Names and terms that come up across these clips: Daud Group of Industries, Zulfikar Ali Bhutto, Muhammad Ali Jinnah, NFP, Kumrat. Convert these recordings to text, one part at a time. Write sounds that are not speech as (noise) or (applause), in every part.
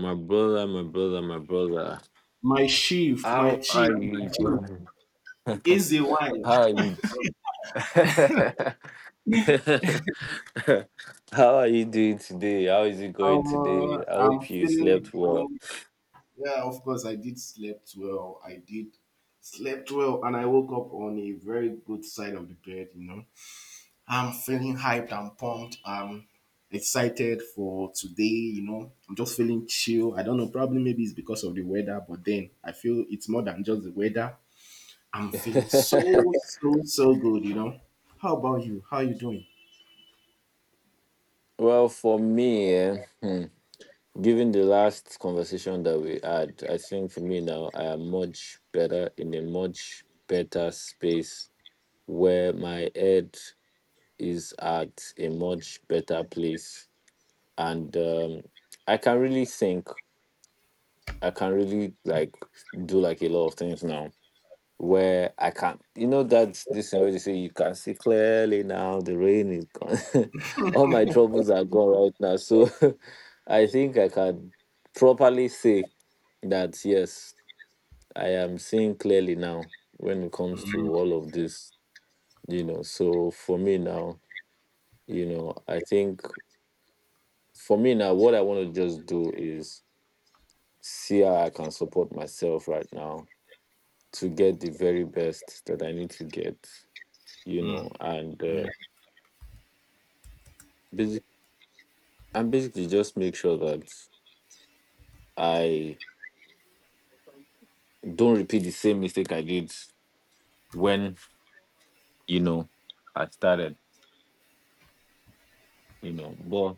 My brother, my brother, my brother. My chief, my How chief, are my you, chief. brother? It's a (laughs) while. How are (laughs) you? (laughs) How are you doing today? How is it going today? I I'm hope you feeling slept good. well. Yeah, of course, I did slept well. I did slept well, and I woke up on a very good side of the bed. You know, I'm feeling hyped. I'm pumped. I'm excited for today. You know, I'm just feeling chill. I don't know. Probably maybe it's because of the weather, but then I feel it's more than just the weather. I'm feeling so (laughs) so so good. You know. How about you? How you doing? Well, for me, given the last conversation that we had, I think for me now, I am much better, in a much better space where my head is at a much better place, and I can really think. I can really like do like a lot of things now where I can. You know that this thing where they say you can see clearly now, the rain is gone. (laughs) All my troubles are gone right now. So (laughs) I think I can properly say that, yes, I am seeing clearly now when it comes to all of this. You know, so for me now, you know, I think for me now, what I want to just do is see how I can support myself right now to get the very best that I need to get, you Mm. know, and basic, and basically just make sure that I don't repeat the same mistake I did when, you know, I started, you know. But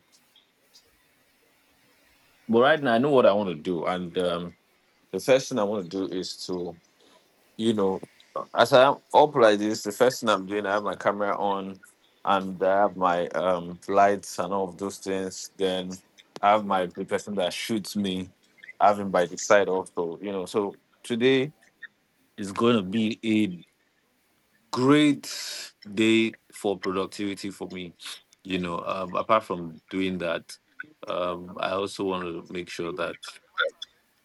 but right now I know what I want to do, and the first thing I want to do is to, you know, as I'm up like this, the first thing I'm doing, I have my camera on and I have my lights and all of those things. Then I have my the person that shoots me, I have him by the side also, you know. So today is going to be a great day for productivity for me, you know. Apart from doing that, um, I also want to make sure that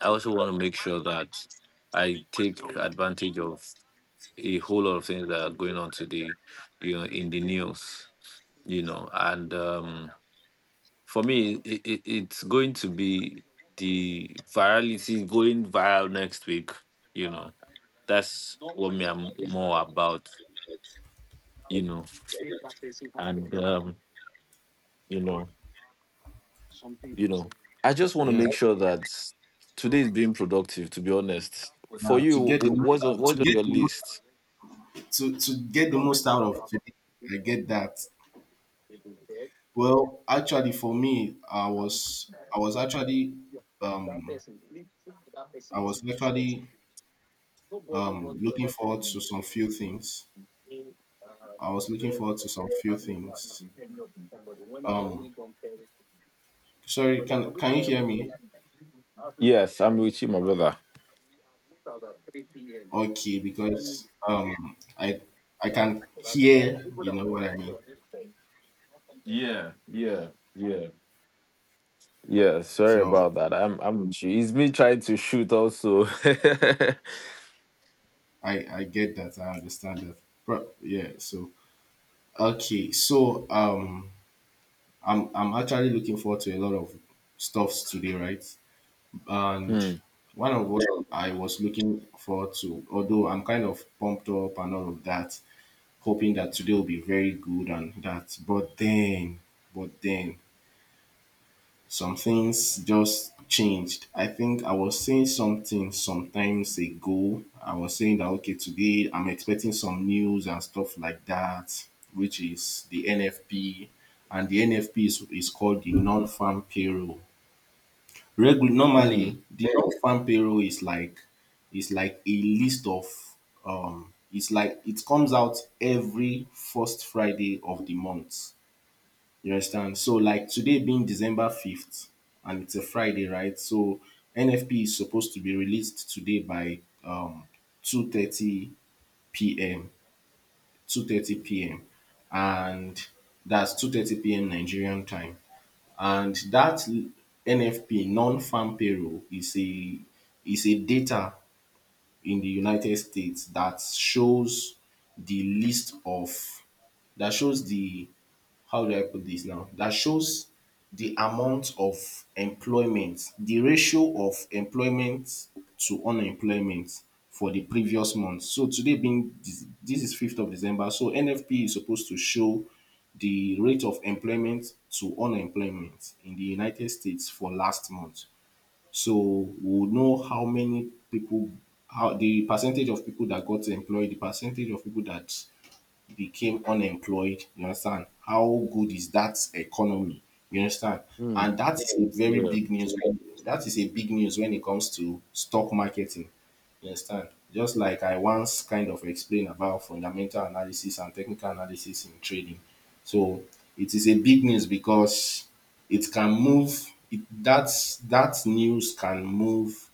I also want to make sure that I take advantage of a whole lot of things that are going on today, you know, in the news, you know, and for me, it's going to be the virality going viral next week, you know. That's what me I'm more about, you know, and um, you know, you know, I just want to Yeah. make sure that today is being productive. To be honest, for Uh, to you, get the most, to what's on get your the most, list? to get the most out of today, I get that. Well, actually, for me, um, I was actually looking forward to some few things. I was looking forward to some few things. Um, Sorry, can you hear me? Yes, I'm with you, my brother. Okay, because I can hear, you know what I mean. Yeah, yeah, yeah, yeah. Sorry So about that. I'm with you. It's me trying to shoot also. (laughs) I get that. I understand that. But yeah, so Okay, so um, I'm actually looking forward to a lot of stuffs today, right? And hmm, one of what I was looking forward to, although I'm kind of pumped up and all of that, hoping that today will be very good and that. But then, some things just changed. I think I was saying something sometimes ago. I was saying that, okay, today I'm expecting some news and stuff like that, which is the NFP, and the NFP is called the non-farm payroll. Normally, hmm, the non-farm payroll is like a list of it's like it comes out every first Friday of the month, you understand? So like today being December 5th and it's a Friday, right? So NFP is supposed to be released today by um 2:30 p.m. 2:30 p.m., and that's 2:30 p.m. Nigerian time. And that NFP non-farm payroll is a data in the United States that shows the list of, that shows the how do I put this now? That shows the amount of employment, the ratio of employment to unemployment for the previous month. So today being this, is 5th of December. So NFP is supposed to show the rate of employment to unemployment in the United States for last month. So we'll know people how the percentage of people that got employed, the percentage of people that became unemployed. You understand? How good is that economy? You understand? hmm. And that is a very Yeah, big news. That is a big news when it comes to stock marketing. You understand? Just like I once kind of explained about fundamental analysis and technical analysis in trading. So it is a big news because, it can move it, that's that news can move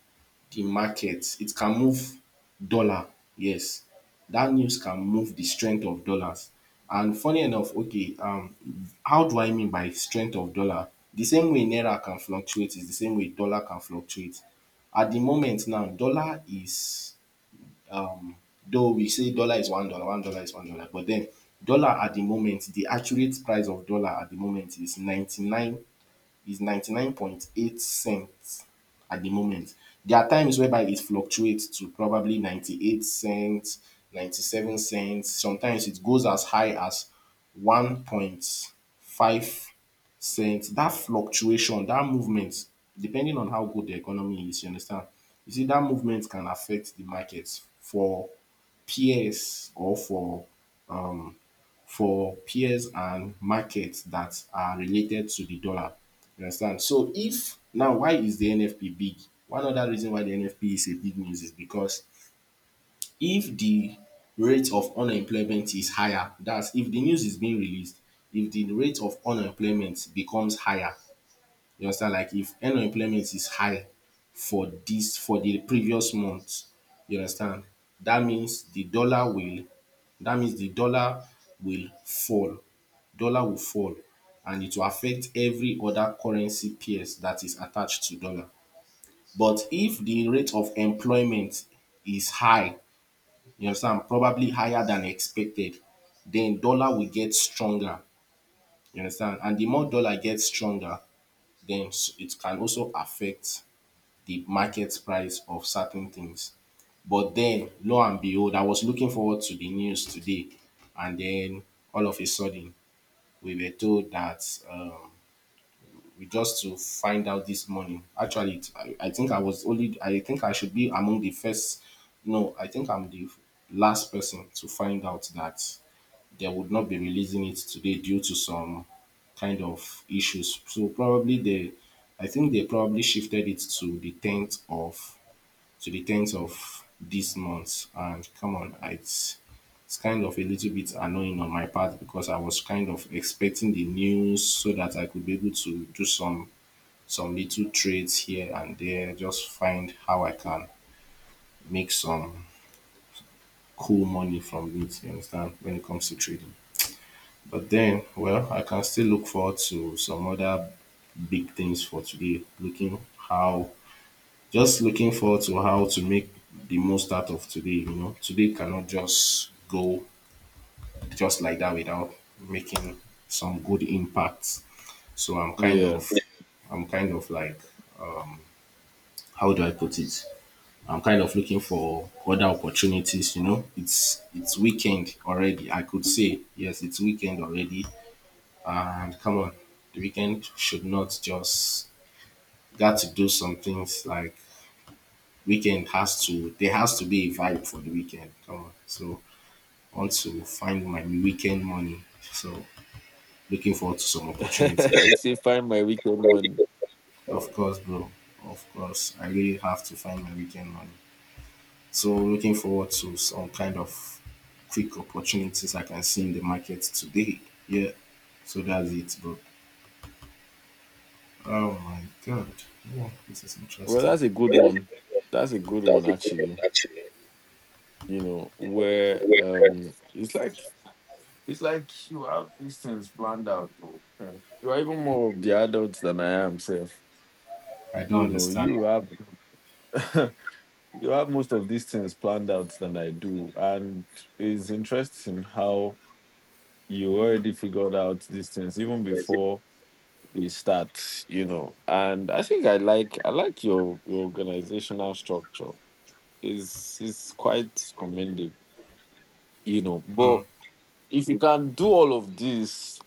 the market. It can move dollar. Yes. That news can move the strength of dollars. And funny enough, okay, how do I mean by strength of dollar? The same way naira can fluctuate is the same way dollar can fluctuate. At the moment now, dollar is, um though we say dollar is $1, $1 is $1, but then dollar at the moment, the accurate price of dollar at the moment is 99.8 cents at the moment. There are times whereby it fluctuates to probably 98 cents, 97 cents. Sometimes it goes as high as 1.5 cents. That fluctuation, that movement, depending on how good the economy is, you understand? You see, that movement can affect the markets for peers, or for peers and markets that are related to the dollar. You understand? So if now, why is the NFP big? One other reason why the NFP is a big news is because, if the rate of unemployment is higher, that's if the news is being released, if the rate of unemployment becomes higher, you understand? Like if unemployment is high, for the previous month, you understand? That means the dollar will that means the dollar will fall. Dollar will fall, and it will affect every other currency pairs that is attached to dollar. But if the rate of employment is high, you understand, probably higher than expected, then dollar will get stronger. You understand? And the more dollar gets stronger, then it can also affect the market price of certain things. But then, lo and behold, I was looking forward to the news today, and then all of a sudden, we were told that, we just to find out this morning. Actually, I think I was only. I think I should be among the first. No, I think I'm the last person to find out that they would not be releasing it today due to some kind of issues. So probably they, I think they probably shifted it to the 10th of this month. And come on, it's kind of a little bit annoying on my part because I was kind of expecting the news so that I could be able to do some little trades here and there, just find how I can make some cool money from it, you understand, when it comes to trading. But then, well, I can still look forward to some other big things for today, looking how just looking forward to how to make the most out of today. Today cannot just go just like that without making some good impact. So I'm kind yeah. of, like, how do I put it? I'm kind of looking for other opportunities. It's weekend already. I could say yes, it's weekend already. And come on, the weekend should not just got to do some things like weekend has to, there has to be a vibe for the weekend. Come on. So I want to find my weekend money. So looking forward to some opportunities. (laughs) You say find my weekend money. Of course, bro. Of course. I really have to find my weekend money. So looking forward to some kind of quick opportunities I can see in the market today. Yeah. So that's it, bro. Oh my god. Yeah, this is Well, interesting. that's a good That's a one. good one. That's a good That's one, a good one, actually. actually. You know You know, where where it's like you have these things planned out, though. You are even more of the adults than I am, self. I don't You know, understand. you have. (laughs) You have most of these things planned out than I do. And it's interesting how you already figured out these things even before they start, you know. And I think I like your organizational structure. It's quite commendable, you know. But Mm. if you can do all of this,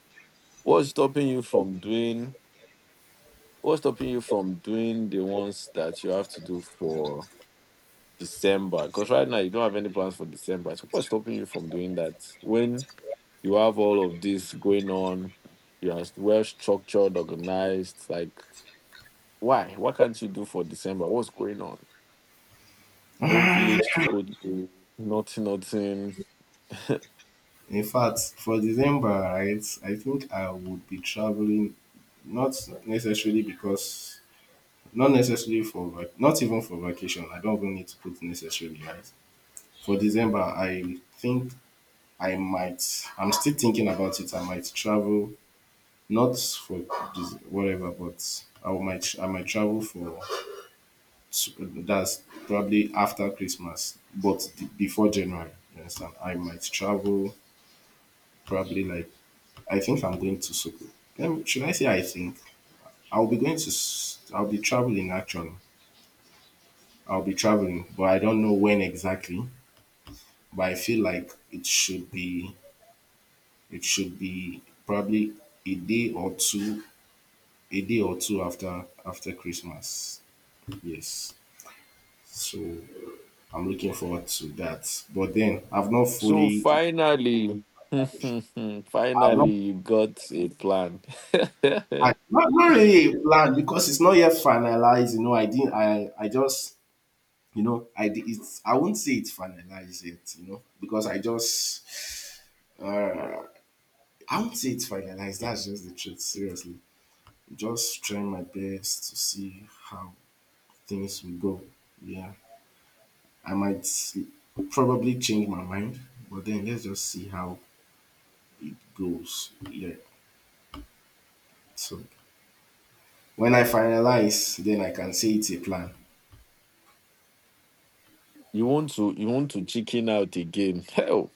what's stopping you from doing what's stopping you from doing the ones that you have to do for December. Because right now you don't have any plans for December. So what's stopping you from doing that? When you have all of this going on, you are well structured, organized. Like, why? What can't you do for December? What's going on? No village to go to. Nothing, nothing. In fact, for December, right, I think I would be traveling, not necessarily because, not necessarily for, not even for vacation. I don't even need to put necessarily, right? For December, I think I might, I'm still thinking about it. I might travel, not for whatever, but I might travel for, that's probably after Christmas, but before January. You understand? I might travel probably like I think I'm going to Soko. Let me, should I say I think? I'll be going to, I'll be traveling actually. I'll be traveling, but I don't know when exactly. But I feel like it should be probably a day or two, a day or two after Christmas. Yes. So I'm looking forward to that. But then I've not So fully, finally, (laughs) I've not, finally, you got a plan. I, not, not really planned because it's not yet finalized. You know, I didn't, I just. You know, it's, I won't say it's finalized yet, you know, because I just, uh, I won't say it's finalized. That's just the truth. Seriously, just trying my best to see how things will go. Yeah, I might probably change my mind, but then let's just see how it goes. Yeah. So when I finalize, then I can say it's a plan. (laughs) You want to chicken out again. (laughs)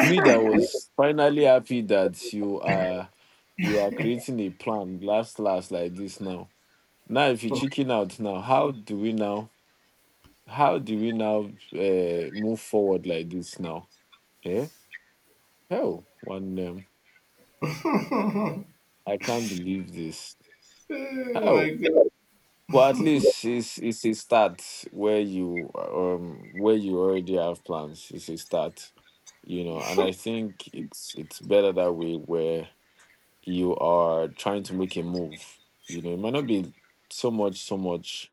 Me that was finally happy that you are creating a plan last last like this now, now if you chicken out now how do we now, how do we now move forward like this now? Eh, hell, one, I can't believe this. Oh my Hell, god. well, at least it's a start where you already have plans, it's a start, you know, and I think it's better that way where you are trying to make a move. You know, it might not be so much, so much,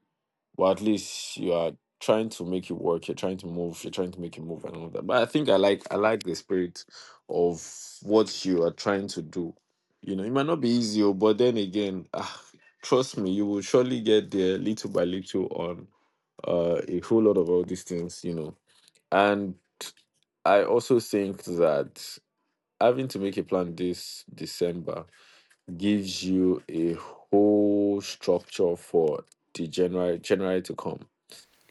but at least you are trying to make it work. You're trying to move. You're trying to make a move and all that. But I think I like the spirit of what you are trying to do. You know, it might not be easy, oh, but then again, ah, trust me, you will surely get there little by little on a whole lot of all these things. You know, and I also think that having to make a plan this December gives you a whole structure for the January to come.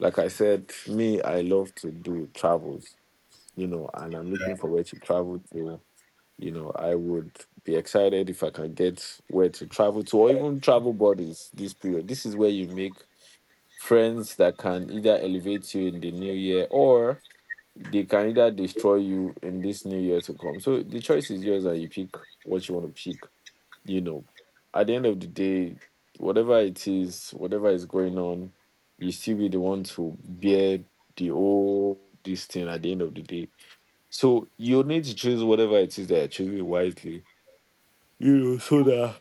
Like I said, me, I love to do travels, you know, and I'm Yeah. looking for where to travel to. You know, I would be excited if I can get where to travel to, or even travel buddies this period. This is where you make friends that can either elevate you in the new year or they can either destroy you in this new year to come. So the choice is yours, and you pick what you want to pick, you know. At the end of the day, whatever it is, whatever is going on, you still be the one to bear the whole this thing at the end of the day. So you need to choose whatever it is that you're choosing wisely, you know, so that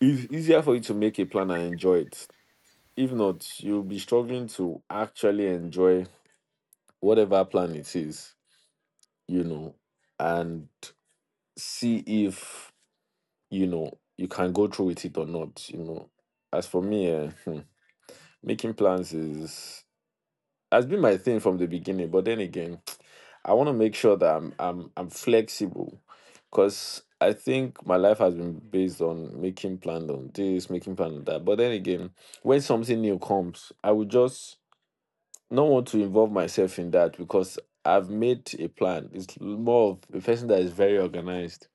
it's easier for you to make a plan and enjoy it. If not, you'll be struggling to actually enjoy whatever plan it is, you know, and see if, you know, you can go through with it or not, you know. As for me, making plans is has been my thing from the beginning, but then again, (tsk) I want to make sure that I'm flexible, because I think my life has been based on making plan on this, making plan on that. But then again, when something new comes, I would just not want to involve myself in that because I've made a plan. It's more of a person that is very organized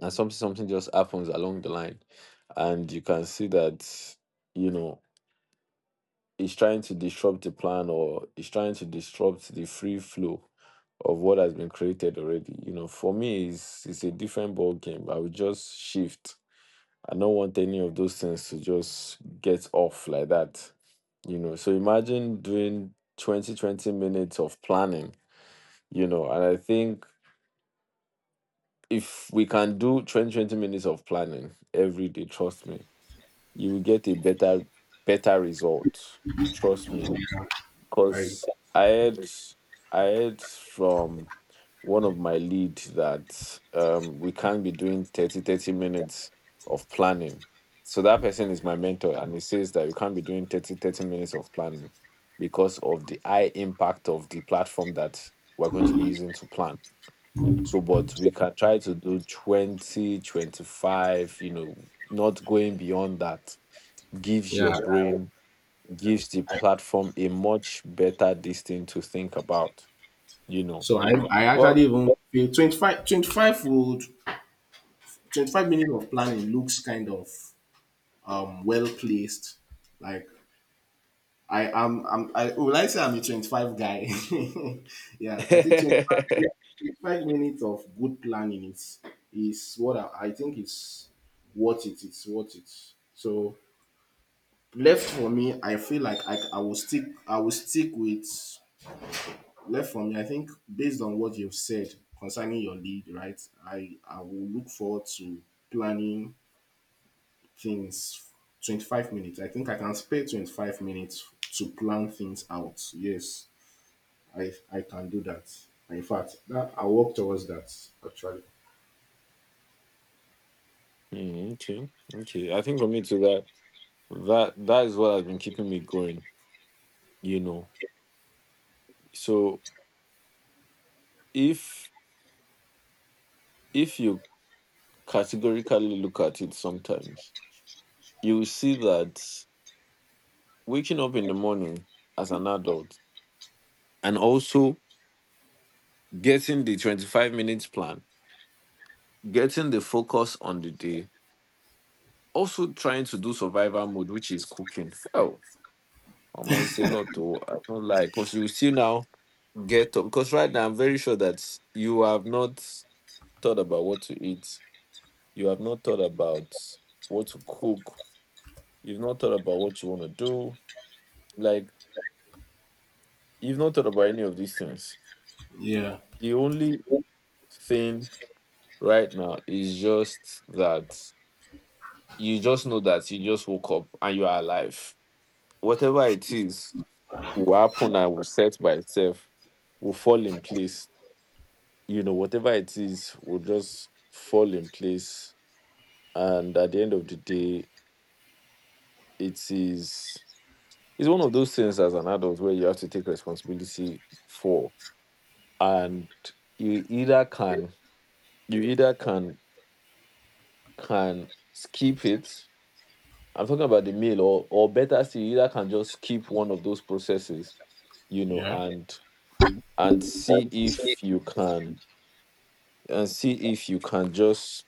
and something just happens along the line. And you can see that, you know, is trying to disrupt the plan or is trying to disrupt the free flow of what has been created already. You know, for me, it's a different ball game. I would just shift. I don't want any of those things to just get off like that. You know, so imagine doing 20 20 minutes of planning, you know, and I think if we can do 20 20 minutes of planning every day, trust me, you will get a better, better result. Trust me. I, Because I heard I heard from one of my lead that we can't be doing 30 30 minutes of planning. So that person is my mentor and he says that you can't be doing 30 30 minutes of planning because of the high impact of the platform that we're going to be using to plan. So but we can try to do 20 25. You know, not going beyond that gives your yeah. brain gives the I, platform a much better distance to think about, you know. so I But actually even feel 25, twenty-five would, 25 minutes of planning looks kind of well placed. Like I'm, I would I say I'm a 25 guy. (laughs) Yeah, I think 25, yeah, (laughs) 25 minutes of good planning is what I think is what it is what it. So left for me, I feel like I will stick, with left for me. I think based on what you've said concerning your lead, right? I will look forward to planning things 25 minutes. I think I can spare 25 minutes to plan things out. Yes, I can do that. In fact, that I work towards that actually. Mm, okay, okay. I think for me to that that is what has been keeping me going, you know. So if if you categorically look at it sometimes, you will see that waking up in the morning as an adult and also getting the 25 minutes plan, getting the focus on the day, also trying to do survival mode, which is cooking. Oh. Omo, it's a lot to I don't like because you still now get up because right now I'm very sure that you have not thought about what to eat. You have not thought about what to cook. You've not thought about what you want to do. Like, you've not thought about any of these things. Yeah. The only thing right now is just that you just know that you just woke up and you are alive. Whatever it is will happen and will set by itself, will fall in place, you know, whatever it is will just fall in place. And at the end of the day, it is it's one of those things as an adult where you have to take responsibility for. And you either can you either can skip it. I'm talking about the meal or better still, you either can just skip one of those processes, you know, Yeah. and and see if you can and see if you can just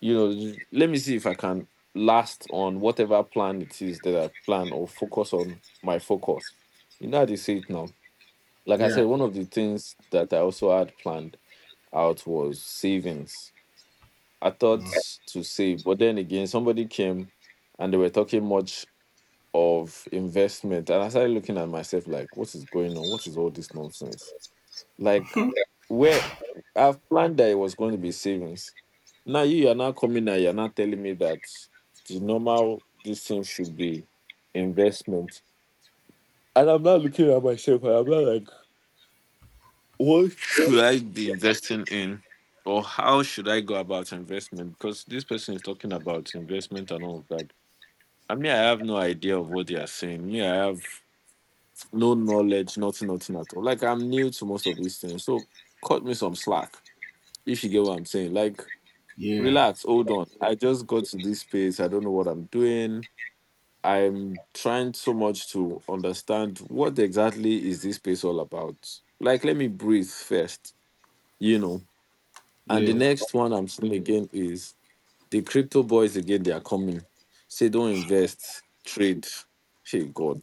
let me see if I can last on whatever plan it is that I plan or focus on my focus. You know how they say it now, like I Yeah. said, one of the things that I also had planned out was savings. I thought Mm. to save, but then again somebody came and they were talking much of investment, and I started looking at myself like, what is going on? What is all this nonsense? Like, where I've planned that it was going to be savings, now you are not coming and you're not telling me that the normal this thing should be investment. And I'm not looking at myself and I'm not like, what should I be investing in? Or how should I go about investment? Because this person is talking about investment and all of that. I mean, I have no idea of what they are saying. Me, I have no knowledge, nothing, nothing at all. Like, I'm new to most of these things. So cut me some slack, if you get what I'm saying. Like, Yeah. Yeah. relax, hold on, I just got to this space, I don't know what I'm doing. I'm trying so much to understand what exactly is this space all about. Like, let me breathe first, you know. And the Yeah. next one I'm seeing again is the crypto boys. Again, they are coming, say don't invest, trade. Hey God,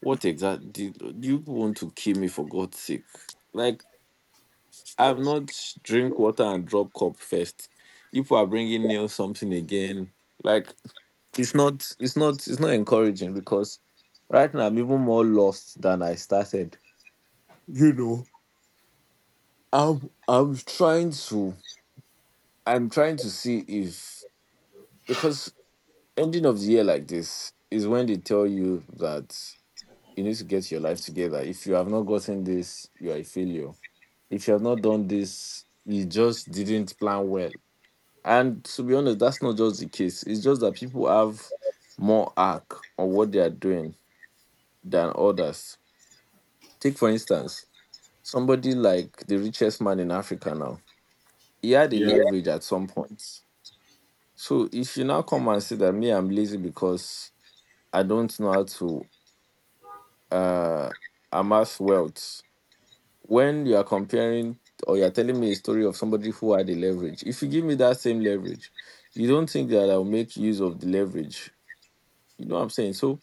what exactly do you want to kill me for God's sake? Like, I've not drink water and drop cup first, you people are bringing nail something again. Like, it's not it's not encouraging, because right now I'm even more lost than I started. You know, I'm trying to, I'm trying to see if, because ending of the year like this is when they tell you that you need to get your life together. If you have not gotten this, you are a failure. If you have not done this, you just didn't plan well. And to be honest, that's not just the case. It's just that people have more arc on what they are doing than others. Take, for instance, somebody like the richest man in Africa now. He had a Yeah. leverage at some point. So if you now come and say that me, I'm lazy because I don't know how to uh, amass wealth, when you are comparing or you're telling me a story of somebody who had a leverage, if you give me that same leverage, you don't think that I'll make use of the leverage? You know what I'm saying? So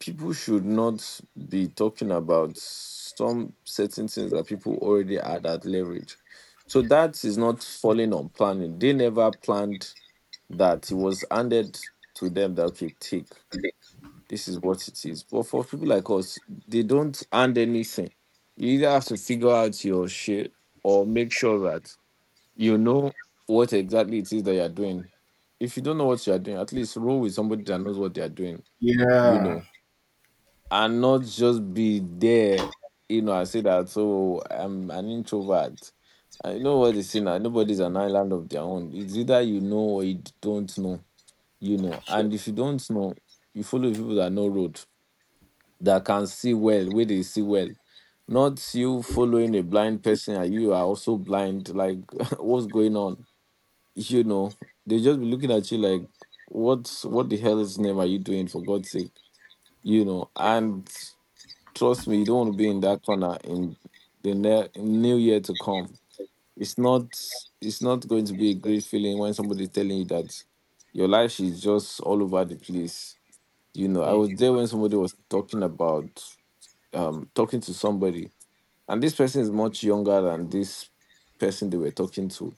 people should not be talking about some certain things that people already had at leverage. So that is not falling on planning. They never planned, that it was handed to them that, okay, take, this is what it is. But for people like us, they don't hand anything. You either have to figure out your shit or make sure that you know what exactly it is that you're doing. If you don't know what you're doing, at least roll with somebody that knows what they're doing, you know, and not just be there. You know, I say that, so I'm an introvert. I, you know what they say now, nobody's an island of their own. It's either you know or you don't know. You know, and if you don't know, you follow people that know road, that can see well, where they see well. Not you following a blind person and you are also blind. Like, (laughs) what's going on? You know, they just be looking at you like, what? What the hell is name are you doing? For God's sake, you know. And trust me, you don't want to be in that corner in the new year to come. It's not it's not going to be a great feeling when somebody's telling you that your life is just all over the place. You know, I Mm. was there when somebody was talking about, talking to somebody, and this person is much younger than this person they were talking to,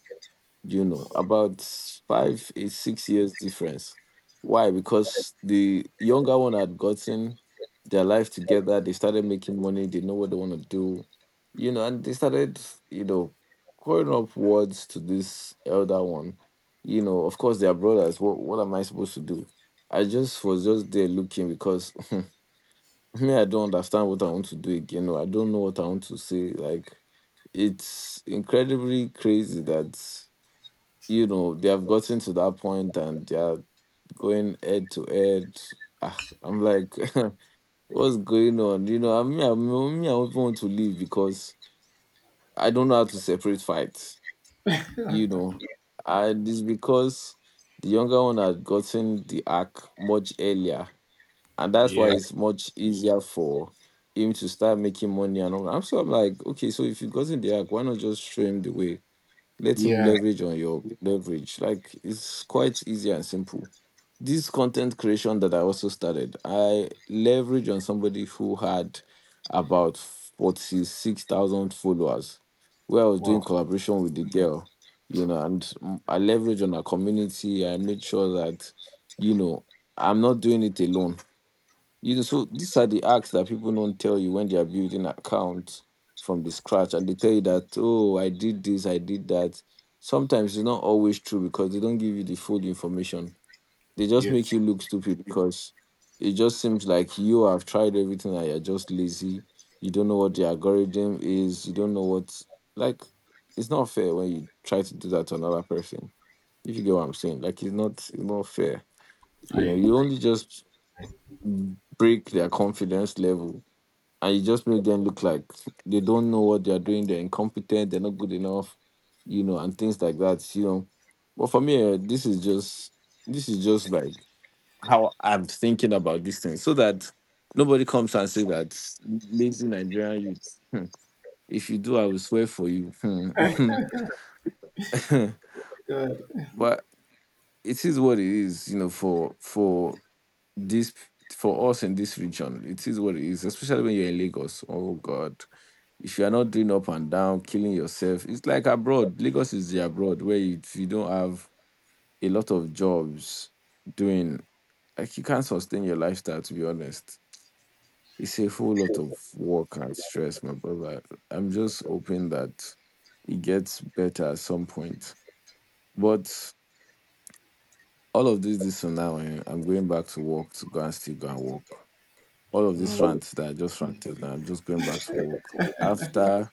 you know, about five, 6 years difference. Why? Because the younger one had gotten their life together, they started making money, they know what they want to do, you know, and they started, you know, calling up words to this elder one. You know, of course, they are brothers. What am I supposed to do? I just was just there looking because (laughs) me, I don't understand what I want to do again, or I don't know what I want to say. Like, it's incredibly crazy that, you know, they have gotten to that point and they are going head to head. Ah, I'm like, (laughs) what's going on? You know, me, I don't even want to leave because I don't know how to separate fights. You know, and it's because the younger one had gotten the arc much earlier, and that's why Yeah. it's much easier for him to start making money and all. I'm like, okay, so if you gotten the arc, why not just show him the way? Let him Yeah. leverage on your leverage. Like, it's quite easy and simple. This content creation that I also started, I leverage on somebody who had about 46,000 followers, where I was doing Wow. collaboration with the girl, you know. And I leverage on our community. I made sure that, you know, I'm not doing it alone, you know. So these are the acts that people don't tell you when they are building accounts from the scratch, and they tell you that, oh, I did this, I did that. Sometimes it's not always true because they don't give you the full information. They just Yes. make you look stupid because it just seems like you have tried everything and you're just lazy. You don't know what the algorithm is. You don't know what. Like, it's not fair when you try to do that to another person. If you get what I'm saying, like, it's not fair. You know, I, you only just break their confidence level and you just make them look like they don't know what they're doing, they're incompetent, they're not good enough, you know, and things like that, you know. But for me, eh, this is just like how I'm thinking about this thing. So that nobody comes and say that, lazy Nigerian youth, hmm, if you do, I will swear for you. I Hmm. (laughs) God. But it is what it is, you know, for this, for us in this region, it is what it is, especially when you're in Lagos. Oh God. If you are not doing up and down, killing yourself, it's like abroad. Lagos is the abroad where if you don't have a lot of jobs doing, like, you can't sustain your lifestyle, to be honest. It's a whole lot of work and stress, my brother. I'm just hoping that it gets better at some point. But all of this, this and now, eh, I'm going back to work to go and still go and work. All of this Mm. rant that I just ranted now, I'm just going back to work. After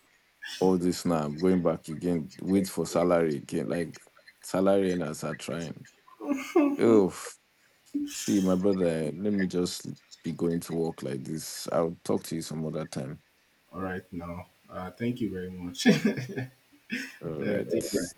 all this now, I'm going back again, wait for salary again. Like, salary earners are trying. Oh, see, my brother, let me just be going to work like this. I'll talk to you some other time. All right now. Thank you very much. (laughs) All right. take care.